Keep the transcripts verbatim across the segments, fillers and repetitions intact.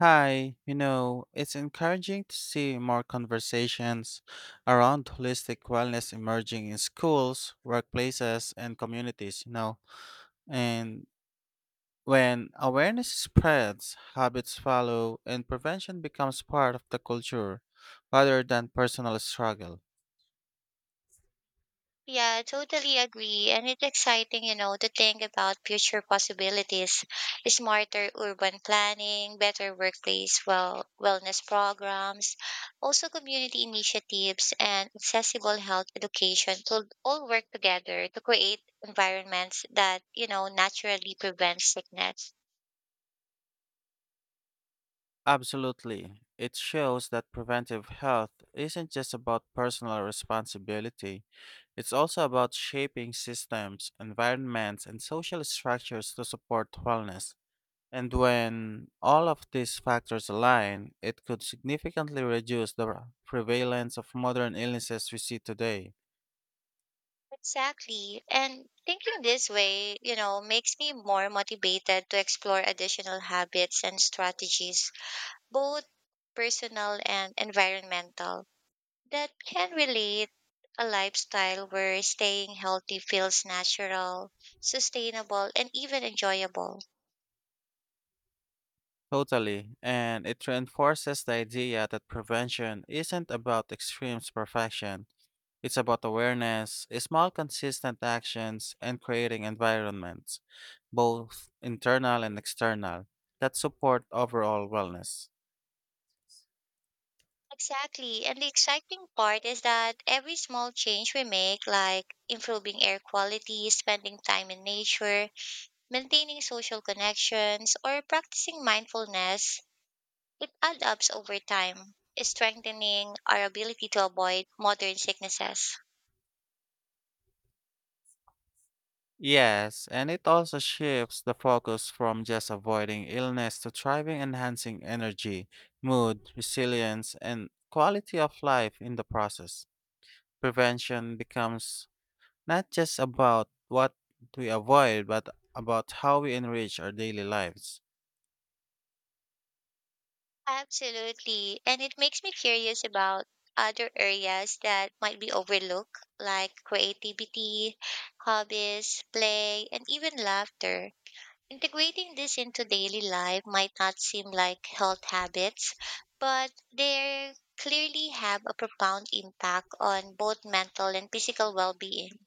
Hi, you know, it's encouraging to see more conversations around holistic wellness emerging in schools, workplaces, and communities, you know. And when awareness spreads, habits follow, and prevention becomes part of the culture rather than personal struggle. Yeah, I totally agree. And it's exciting, you know, to think about future possibilities, smarter urban planning, better workplace well wellness programs, also community initiatives and accessible health education to all work together to create environments that, you know, naturally prevent sickness. Absolutely. It shows that preventive health isn't just about personal responsibility. It's also about shaping systems, environments, and social structures to support wellness. And when all of these factors align, it could significantly reduce the prevalence of modern illnesses we see today. Exactly. And thinking this way, you know, makes me more motivated to explore additional habits and strategies both personal and environmental, that can relate a lifestyle where staying healthy feels natural, sustainable, and even enjoyable. Totally. And it reinforces the idea that prevention isn't about extreme perfection. It's about awareness, small consistent actions, and creating environments, both internal and external, that support overall wellness. Exactly. And the exciting part is that every small change we make, like improving air quality, spending time in nature, maintaining social connections, or practicing mindfulness, it adds up over time, strengthening our ability to avoid modern sicknesses. Yes, and it also shifts the focus from just avoiding illness to thriving, enhancing energy, mood, resilience, and quality of life in the process. Prevention becomes not just about what we avoid, but about how we enrich our daily lives. Absolutely. And it makes me curious about other areas that might be overlooked, like creativity, hobbies, play, and even laughter. Integrating this into daily life might not seem like health habits, but they clearly have a profound impact on both mental and physical well being.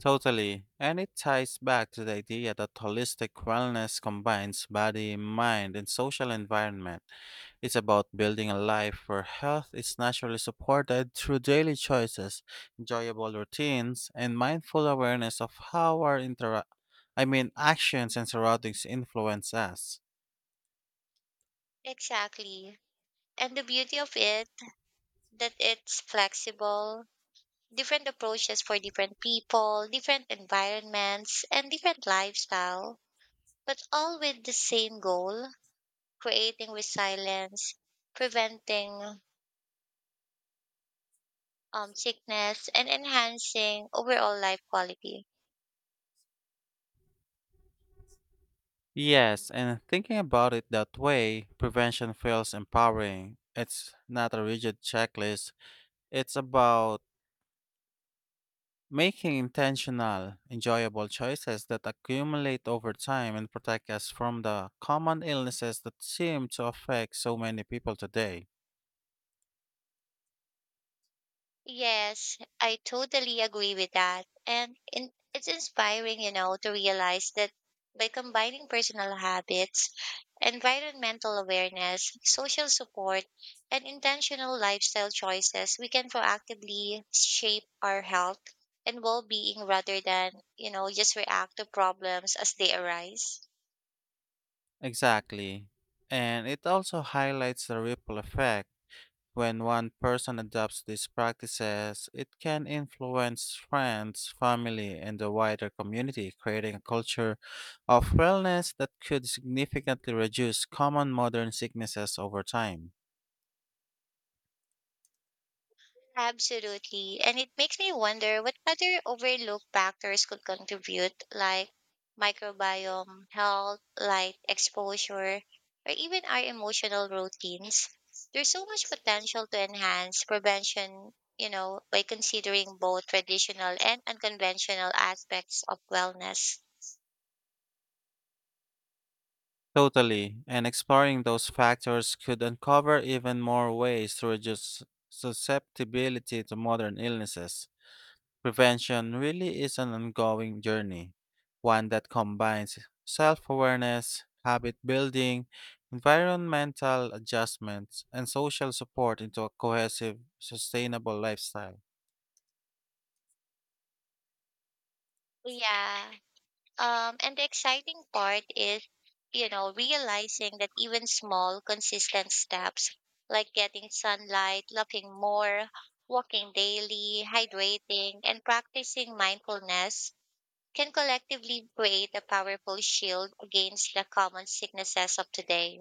Totally. And it ties back to the idea that holistic wellness combines body, mind, and social environment. It's about building a life where health is naturally supported through daily choices, enjoyable routines, and mindful awareness of how our intera- I mean actions and surroundings influence us. Exactly. And the beauty of it that it's flexible different approaches for different people, different environments, and different lifestyle, but all with the same goal, creating resilience, preventing um, sickness, and enhancing overall life quality. Yes, and thinking about it that way, prevention feels empowering. It's not a rigid checklist. It's about making intentional, enjoyable choices that accumulate over time and protect us from the common illnesses that seem to affect so many people today. Yes, I totally agree with that. And in, it's inspiring, you know, to realize that by combining personal habits, environmental awareness, social support, and intentional lifestyle choices, we can proactively shape our health and well-being rather than, you know, just react to problems as they arise. Exactly. And it also highlights the ripple effect. When one person adopts these practices, it can influence friends, family, and the wider community, creating a culture of wellness that could significantly reduce common modern sicknesses over time. Absolutely. And it makes me wonder what other overlooked factors could contribute, like microbiome, health, light exposure, or even our emotional routines. There's so much potential to enhance prevention, you know, by considering both traditional and unconventional aspects of wellness. Totally, and exploring those factors could uncover even more ways to reduce susceptibility to modern illnesses. Prevention really is an ongoing journey, one that combines self awareness, habit building, environmental adjustments, and social support into a cohesive, sustainable lifestyle. Yeah. Um, and the exciting part is, you know, realizing that even small, consistent steps like getting sunlight, loving more, walking daily, hydrating, and practicing mindfulness can collectively create a powerful shield against the common sicknesses of today.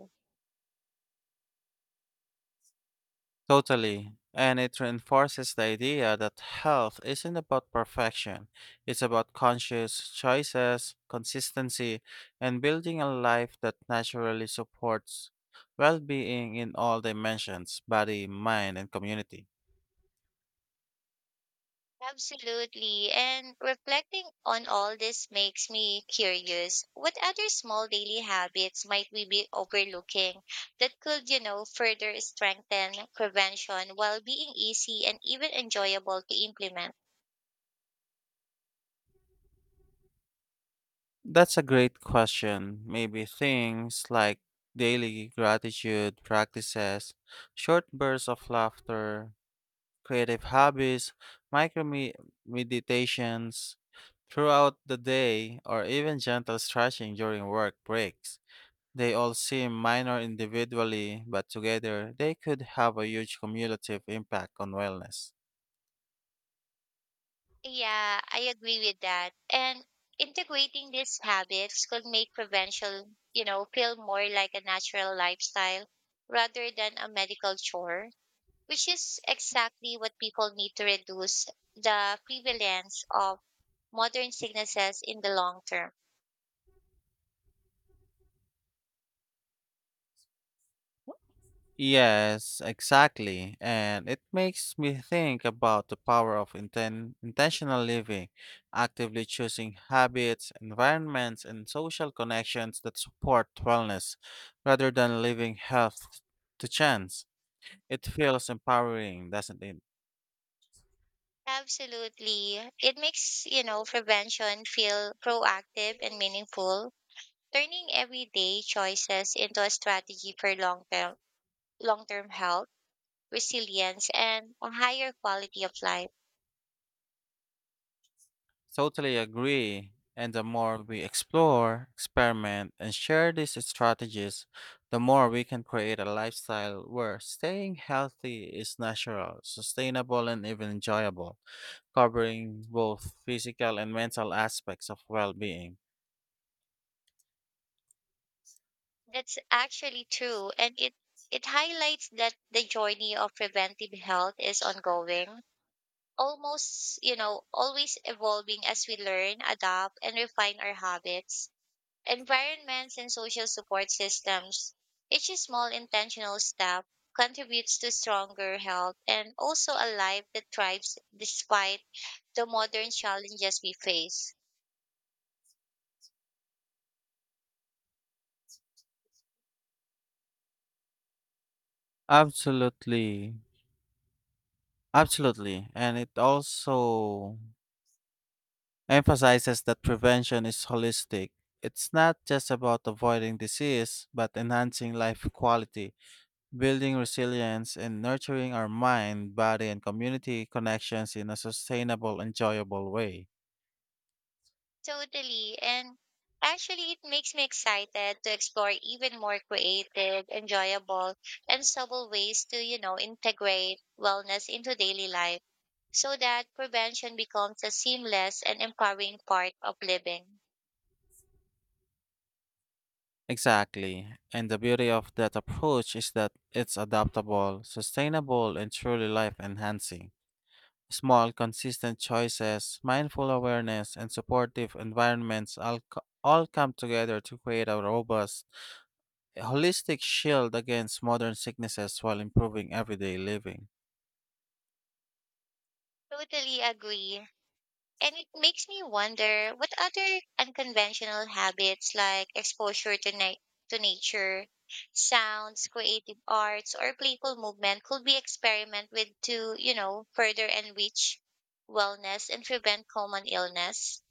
Totally. And it reinforces the idea that health isn't about perfection. It's about conscious choices, consistency, and building a life that naturally supports well being in all dimensions body, mind, and community. Absolutely. And reflecting on all this makes me curious. What other small daily habits might we be overlooking that could, you know, further strengthen prevention while being easy and even enjoyable to implement? That's a great question. Maybe things like daily gratitude practices, short bursts of laughter, creative hobbies, micro me- meditations throughout the day, or even gentle stretching during work breaks. They all seem minor individually, but together they could have a huge cumulative impact on wellness. Yeah, I agree with that. And integrating these habits could make prevention, you know, feel more like a natural lifestyle rather than a medical chore, which is exactly what people need to reduce the prevalence of modern sicknesses in the long term. Yes, exactly. And it makes me think about the power of inten- intentional living, actively choosing habits, environments, and social connections that support wellness rather than leaving health to chance. It feels empowering, doesn't it? Absolutely. It makes, you know, prevention feel proactive and meaningful, turning everyday choices into a strategy for long-term long-term health, resilience, and a higher quality of life. Totally agree. And the more we explore, experiment, and share these strategies, the more we can create a lifestyle where staying healthy is natural, sustainable, and even enjoyable, covering both physical and mental aspects of well being. That's actually true, and it it highlights that the journey of preventive health is ongoing almost, you know, always evolving as we learn, adapt, and refine our habits, environments, and social support systems. Each small intentional step contributes to stronger health and also a life that thrives despite the modern challenges we face. Absolutely. Absolutely. And it also emphasizes that prevention is holistic. It's not just about avoiding disease, but enhancing life quality, building resilience and nurturing our mind, body, and community connections in a sustainable, enjoyable way. Totally. And actually, it makes me excited to explore even more creative, enjoyable, and subtle ways to, you know, integrate wellness into daily life so that prevention becomes a seamless and empowering part of living. Exactly. And the beauty of that approach is that it's adaptable, sustainable, and truly life enhancing. Small, consistent choices, mindful awareness, and supportive environments all, co- all come together to create a robust, holistic shield against modern sicknesses while improving everyday living. Totally agree. And it makes me wonder what other unconventional habits like exposure to, na- to nature, sounds, creative arts, or playful movement could be experimented with to, you know, further enrich wellness and prevent common illness.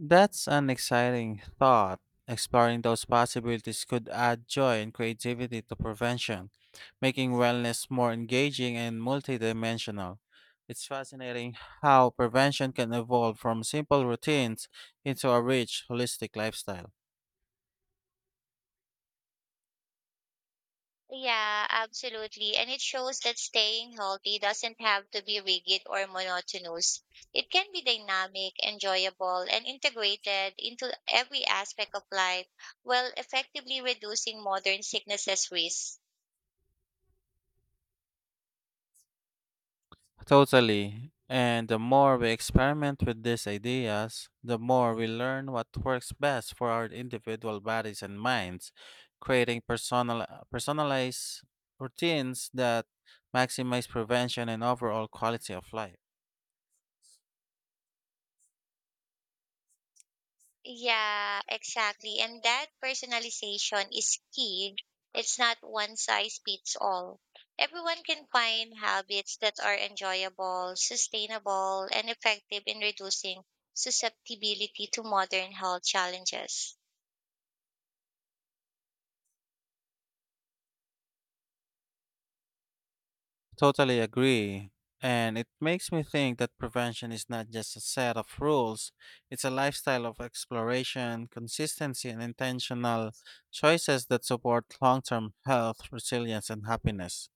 That's an exciting thought. Exploring those possibilities could add joy and creativity to prevention, making wellness more engaging and multidimensional. It's fascinating how prevention can evolve from simple routines into a rich, holistic lifestyle. Yeah, absolutely. And it shows that staying healthy doesn't have to be rigid or monotonous. It can be dynamic, enjoyable, and integrated into every aspect of life while effectively reducing modern sicknesses risk. Totally. And the more we experiment with these ideas, the more we learn what works best for our individual bodies and minds, creating personal, personalized routines that maximize prevention and overall quality of life. Yeah, exactly. And that personalization is key. It's not one size fits all. Everyone can find habits that are enjoyable, sustainable, and effective in reducing susceptibility to modern health challenges. Totally agree. And it makes me think that prevention is not just a set of rules, it's a lifestyle of exploration, consistency, and intentional choices that support long term health, resilience, and happiness.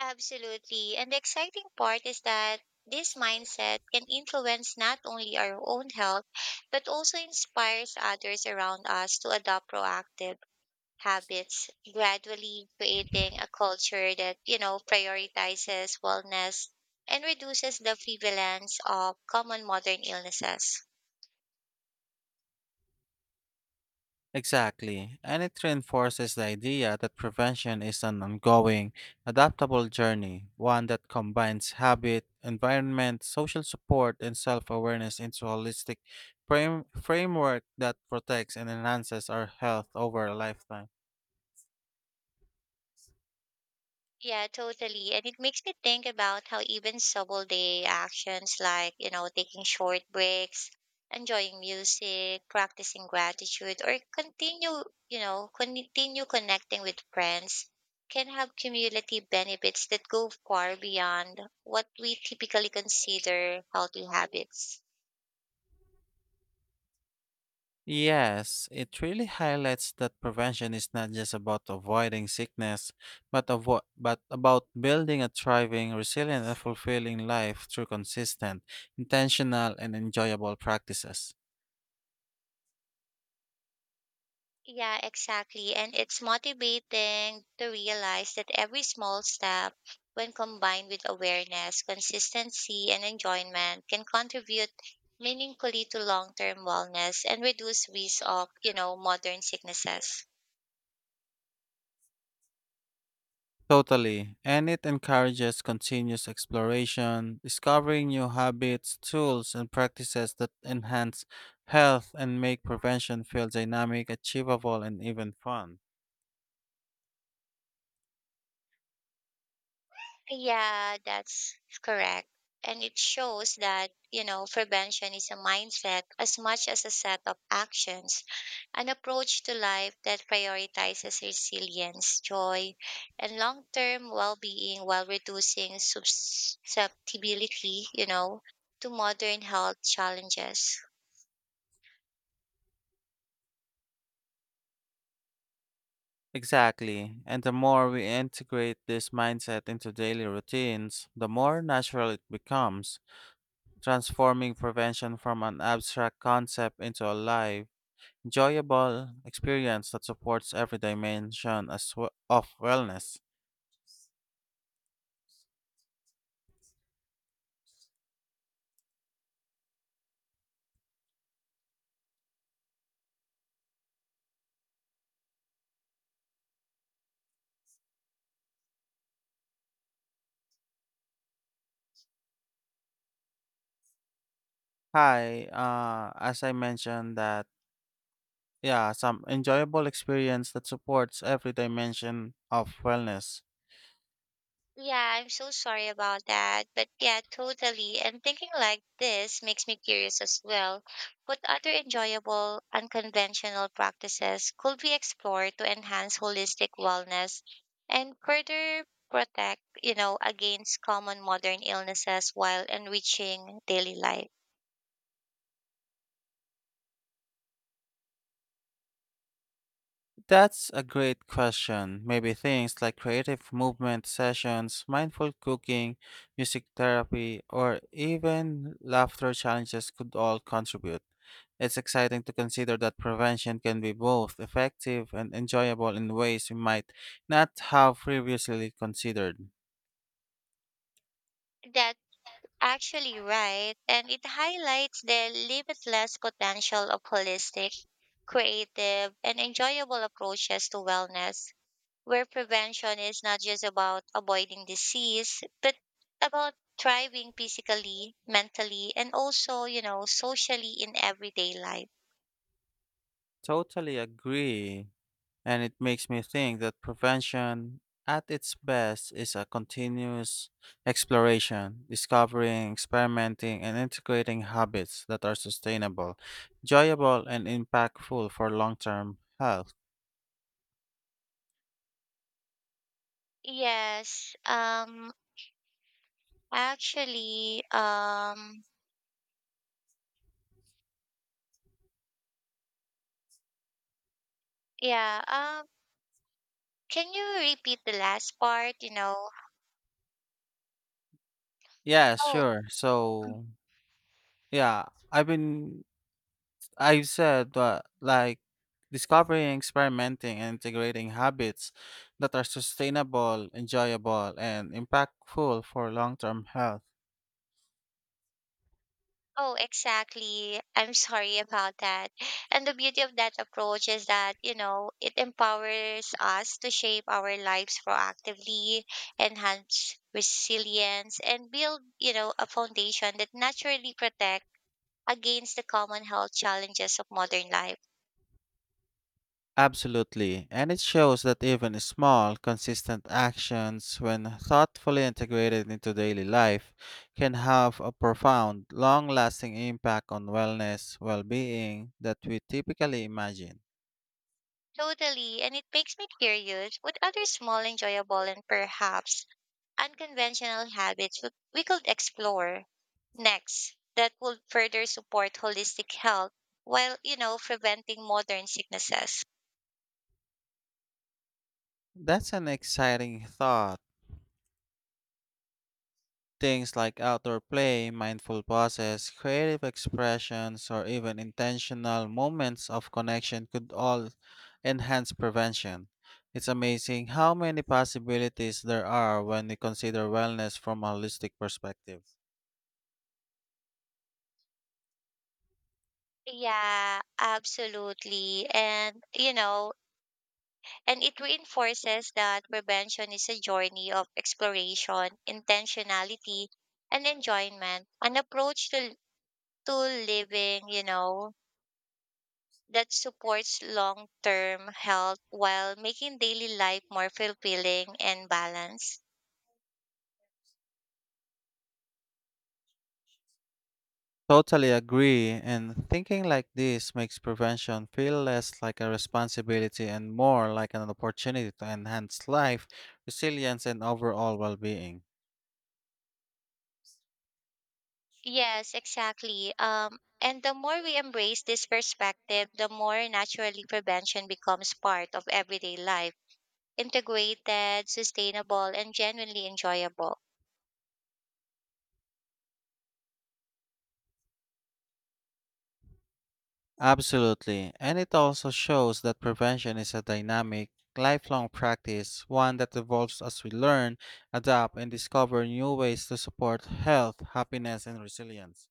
Absolutely. And the exciting part is that this mindset can influence not only our own health, but also inspires others around us to adopt proactive habits, gradually creating a culture that, you know, prioritizes wellness and reduces the prevalence of common modern illnesses. Exactly, and it reinforces the idea that prevention is an ongoing, adaptable journey, one that combines habit, environment, social support, and self awareness into a holistic frame- framework that protects and enhances our health over a lifetime. Yeah, totally. And it makes me think about how even subtle day actions like, you know, taking short breaks, enjoying music, practicing gratitude, or continue, you know, continue connecting with friends can have cumulative benefits that go far beyond what we typically consider healthy habits. Yes, it really highlights that prevention is not just about avoiding sickness, but avo- but about building a thriving, resilient, and fulfilling life through consistent, intentional, and enjoyable practices. Yeah, exactly. And it's motivating to realize that every small step, when combined with awareness, consistency, and enjoyment, can contribute meaningfully to long term wellness and reduce risk of, you know, modern sicknesses. Totally. And it encourages continuous exploration, discovering new habits, tools, and practices that enhance health and make prevention feel dynamic, achievable, and even fun. Yeah, that's correct. And it shows that, you know, prevention is a mindset as much as a set of actions, an approach to life that prioritizes resilience, joy, and long term well being while reducing susceptibility, you know, to modern health challenges. Exactly. And the more we integrate this mindset into daily routines, the more natural it becomes, transforming prevention from an abstract concept into a live, enjoyable experience that supports every dimension as we- of wellness. Hi, uh, as I mentioned that, yeah, some enjoyable experience that supports every dimension of wellness. Yeah, I'm so sorry about that. But yeah, totally. And thinking like this makes me curious as well. What other enjoyable, unconventional practices could we explore to enhance holistic wellness and further protect, you know, against common modern illnesses while enriching daily life? That's a great question. Maybe things like creative movement sessions, mindful cooking, music therapy, or even laughter challenges could all contribute. It's exciting to consider that prevention can be both effective and enjoyable in ways we might not have previously considered. That actually right. And it highlights the limitless potential of holistic, creative, and enjoyable approaches to wellness where prevention is not just about avoiding disease, but about thriving physically, mentally, and also, you know, socially in everyday life. Totally agree. And it makes me think that prevention at its best is a continuous exploration, discovering, experimenting, and integrating habits that are sustainable, enjoyable, and impactful for long term health. Yes. Um actually, um yeah, um can you repeat the last part, you know? Yeah, Oh, sure. So, yeah, I've been, I've said that like discovering, experimenting, and integrating habits that are sustainable, enjoyable, and impactful for long term health. Oh, exactly. I'm sorry about that. And the beauty of that approach is that, you know, it empowers us to shape our lives proactively, enhance resilience, and build, you know, a foundation that naturally protect against the common health challenges of modern life. Absolutely, and it shows that even small, consistent actions, when thoughtfully integrated into daily life, can have a profound, long lasting impact on wellness, well being that we typically imagine. Totally. And it makes me curious what other small, enjoyable, and perhaps unconventional habits we we could explore next that would further support holistic health while, you know, preventing modern sicknesses. That's an exciting thought. Things like outdoor play, mindful pauses, creative expressions, or even intentional moments of connection could all enhance prevention. It's amazing how many possibilities there are when we consider wellness from a holistic perspective. Yeah, absolutely. And, you know, and it reinforces that prevention is a journey of exploration, intentionality, and enjoyment, an approach to, to living, you know, that supports long term health while making daily life more fulfilling and balanced. Totally agree, and thinking like this makes prevention feel less like a responsibility and more like an opportunity to enhance life, resilience, and overall well being. Yes, exactly. Um, and the more we embrace this perspective, the more naturally prevention becomes part of everyday life, integrated, sustainable, and genuinely enjoyable. Absolutely. And it also shows that prevention is a dynamic, lifelong practice, one that evolves as we learn, adapt, and discover new ways to support health, happiness, and resilience.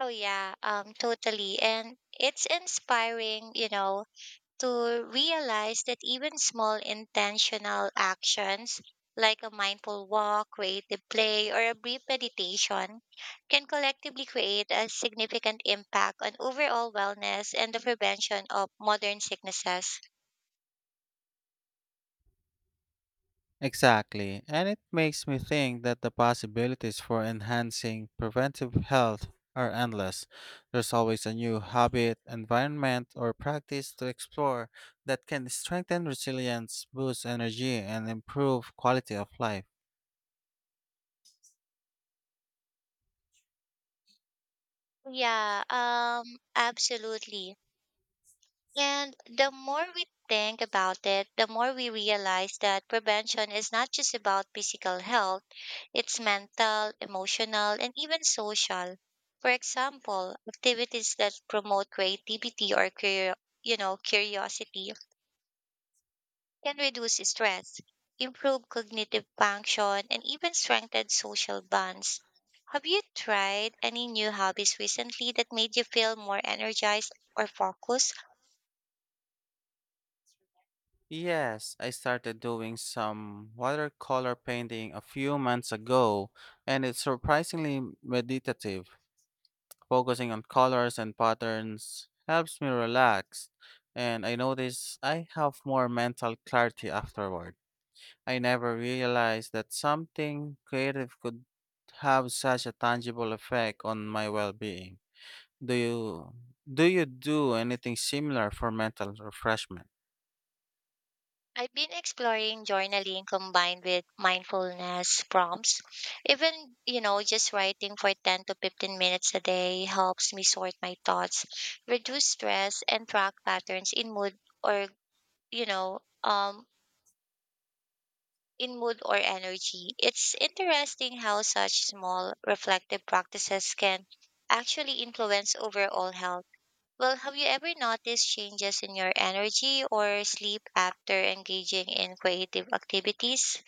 Oh, yeah, um, totally. And it's inspiring, you know, to realize that even small intentional actions like a mindful walk, creative play, or a brief meditation can collectively create a significant impact on overall wellness and the prevention of modern sicknesses. Exactly. And it makes me think that the possibilities for enhancing preventive health are endless. There's always a new habit, environment, or practice to explore that can strengthen resilience, boost energy, and improve quality of life. Yeah, um, absolutely. And the more we think about it, the more we realize that prevention is not just about physical health, it's mental, emotional, and even social. For example, activities that promote creativity or curio- you know, curiosity can reduce stress, improve cognitive function, and even strengthen social bonds. Have you tried any new hobbies recently that made you feel more energized or focused? Yes, I started doing some watercolor painting a few months ago, and it's surprisingly meditative. Focusing on colors and patterns helps me relax, and I notice I have more mental clarity afterward. I never realized that something creative could have such a tangible effect on my well-being. Do you do you do anything similar for mental refreshment? I've been exploring journaling combined with mindfulness prompts. Even, you know, just writing for ten to fifteen minutes a day helps me sort my thoughts, reduce stress, and track patterns in mood or, you know, um, in mood or energy. It's interesting how such small reflective practices can actually influence overall health. Well, have you ever noticed changes in your energy or sleep after engaging in creative activities?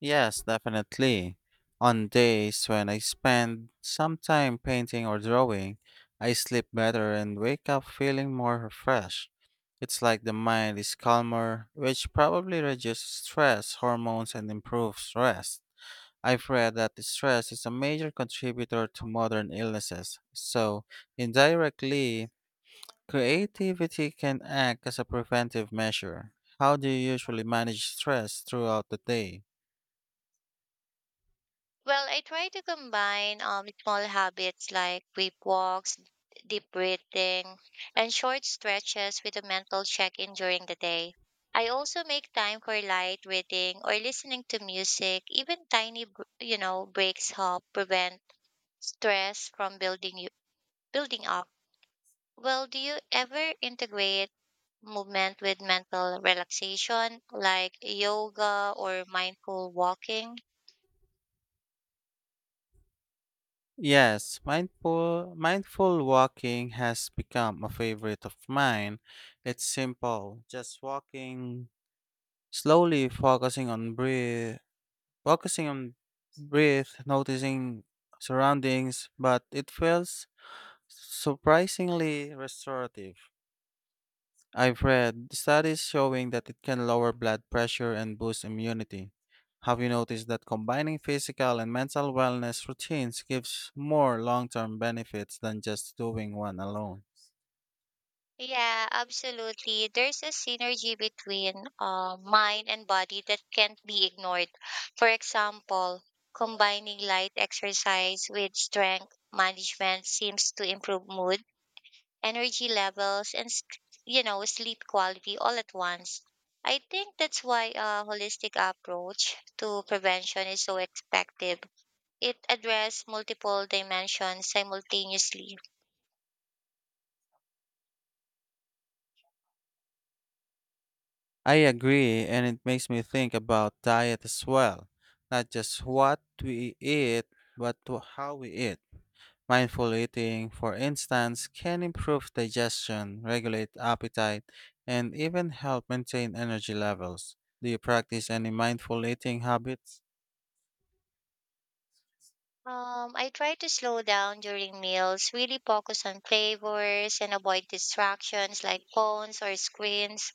Yes, definitely. On days when I spend some time painting or drawing, I sleep better and wake up feeling more refreshed. It's like the mind is calmer, which probably reduces stress hormones and improves rest. I've read that the stress is a major contributor to modern illnesses, so indirectly, creativity can act as a preventive measure. How do you usually manage stress throughout the day? Well, I try to combine um, small habits like deep walks, deep breathing, and short stretches with a mental check in during the day. I also make time for light reading or listening to music. Even tiny, br- you know, breaks help prevent stress from building you building up. Well, do you ever integrate movement with mental relaxation like yoga or mindful walking? Yes, mindful mindful walking has become a favorite of mine. It's simple, just walking slowly, focusing on breathe, focusing on breathe, noticing surroundings, but it feels surprisingly restorative. I've read studies showing that it can lower blood pressure and boost immunity. Have you noticed that combining physical and mental wellness routines gives more long term benefits than just doing one alone? Yeah, absolutely. There's a synergy between uh, mind and body that can't be ignored. For example, combining light exercise with strength management seems to improve mood, energy levels, and s- you know sleep quality all at once. I think that's why a holistic approach to prevention is so effective. It addresses multiple dimensions simultaneously. I agree, and it makes me think about diet as well. Not just what we eat, but to how we eat. Mindful eating, for instance, can improve digestion, regulate appetite, and even help maintain energy levels. Do you practice any mindful eating habits? Um, I try to slow down during meals, really focus on flavors and avoid distractions like phones or screens.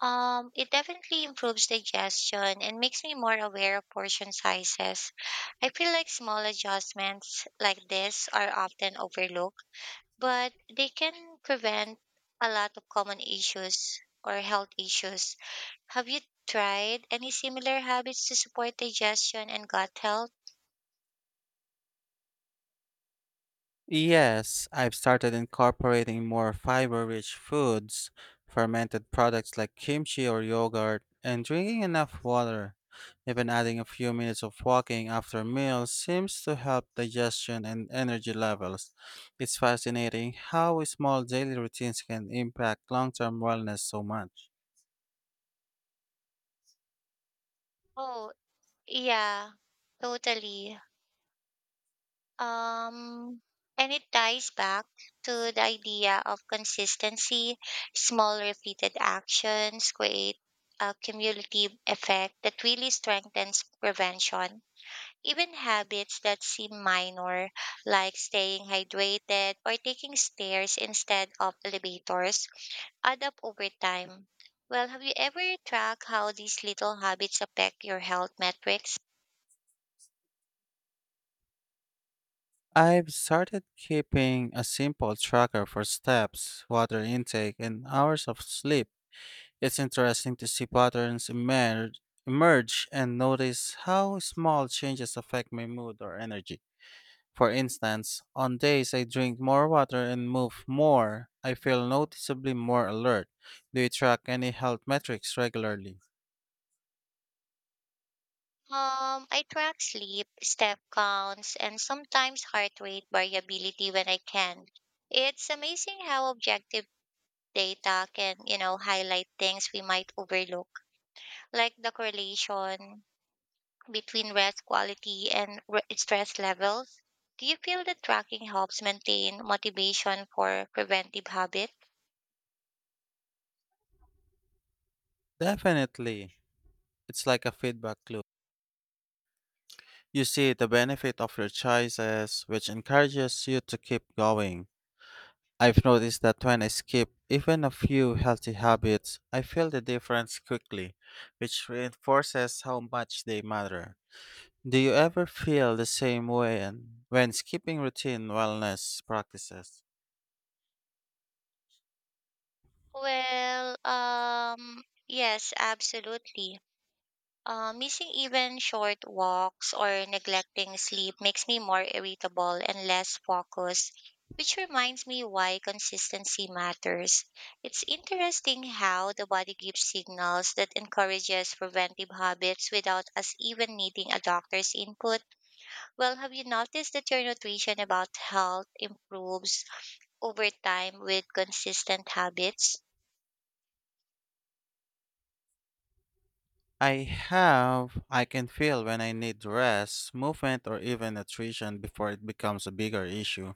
Um, it definitely improves digestion and makes me more aware of portion sizes. I feel like small adjustments like this are often overlooked, but they can prevent a lot of common issues or health issues. Have you tried any similar habits to support digestion and gut health? Yes, I've started incorporating more fiber-rich foods, fermented products like kimchi or yogurt, and drinking enough water. Even adding a few minutes of walking after meals seems to help digestion and energy levels. It's fascinating how small daily routines can impact long-term wellness so much. Oh, Yeah, Totally. Um, and it ties back to the idea of consistency. Small repeated actions create a cumulative effect that really strengthens prevention. Even habits that seem minor, like staying hydrated or taking stairs instead of elevators, add up over time. Well, have you ever tracked how these little habits affect your health metrics? I've started keeping a simple tracker for steps, water intake, and hours of sleep. It's interesting to see patterns emerge, emerge and notice how small changes affect my mood or energy. For instance, on days I drink more water and move more, I feel noticeably more alert. Do you track any health metrics regularly? Um, I track sleep, step counts, and sometimes heart rate variability when I can. It's amazing how objective data can, you know, highlight things we might overlook, like the correlation between rest quality and re- stress levels. Do you feel that tracking helps maintain motivation for preventive habit? Definitely. It's like a feedback loop. You see the benefit of your choices, which encourages you to keep going. I've noticed that when I skip even a few healthy habits, I feel the difference quickly, which reinforces how much they matter. Do you ever feel the same way and when skipping routine wellness practices? Well, um, yes, absolutely. Uh, missing even short walks or neglecting sleep makes me more irritable and less focused, which reminds me why consistency matters. It's interesting how the body gives signals that encourages preventive habits without us even needing a doctor's input. Well, have you noticed that your nutrition about health improves over time with consistent habits? I have. I can feel when I need rest, movement, or even nutrition before it becomes a bigger issue.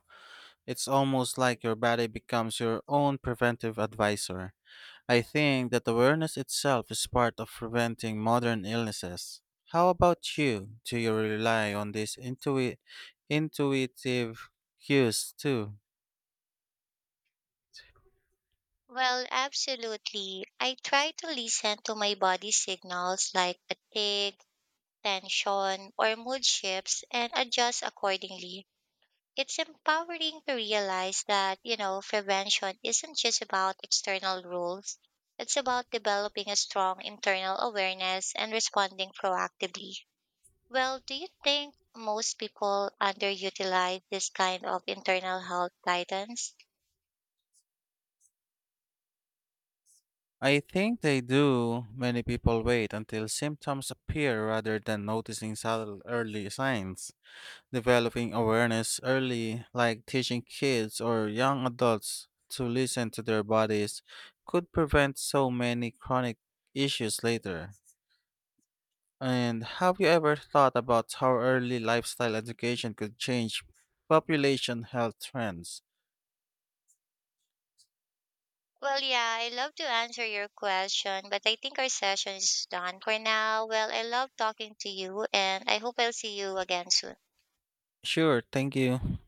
It's almost like your body becomes your own preventive advisor. I think that awareness itself is part of preventing modern illnesses. How about you? Do you rely on these intui- intuitive cues too? Well, absolutely. I try to listen to my body signals like fatigue, tension, or mood shifts and adjust accordingly. It's empowering to realize that, you know, prevention isn't just about external rules. It's about developing a strong internal awareness and responding proactively. Well, do you think most people underutilize this kind of internal health guidance? I think they do. Many people wait until symptoms appear rather than noticing subtle early signs. Developing awareness early, like teaching kids or young adults to listen to their bodies, could prevent so many chronic issues later. And have you ever thought about how early lifestyle education could change population health trends? Well, yeah, I love to answer your question, but I think our session is done for now. Well, I love talking to you, and I hope I'll see you again soon. Sure, thank you.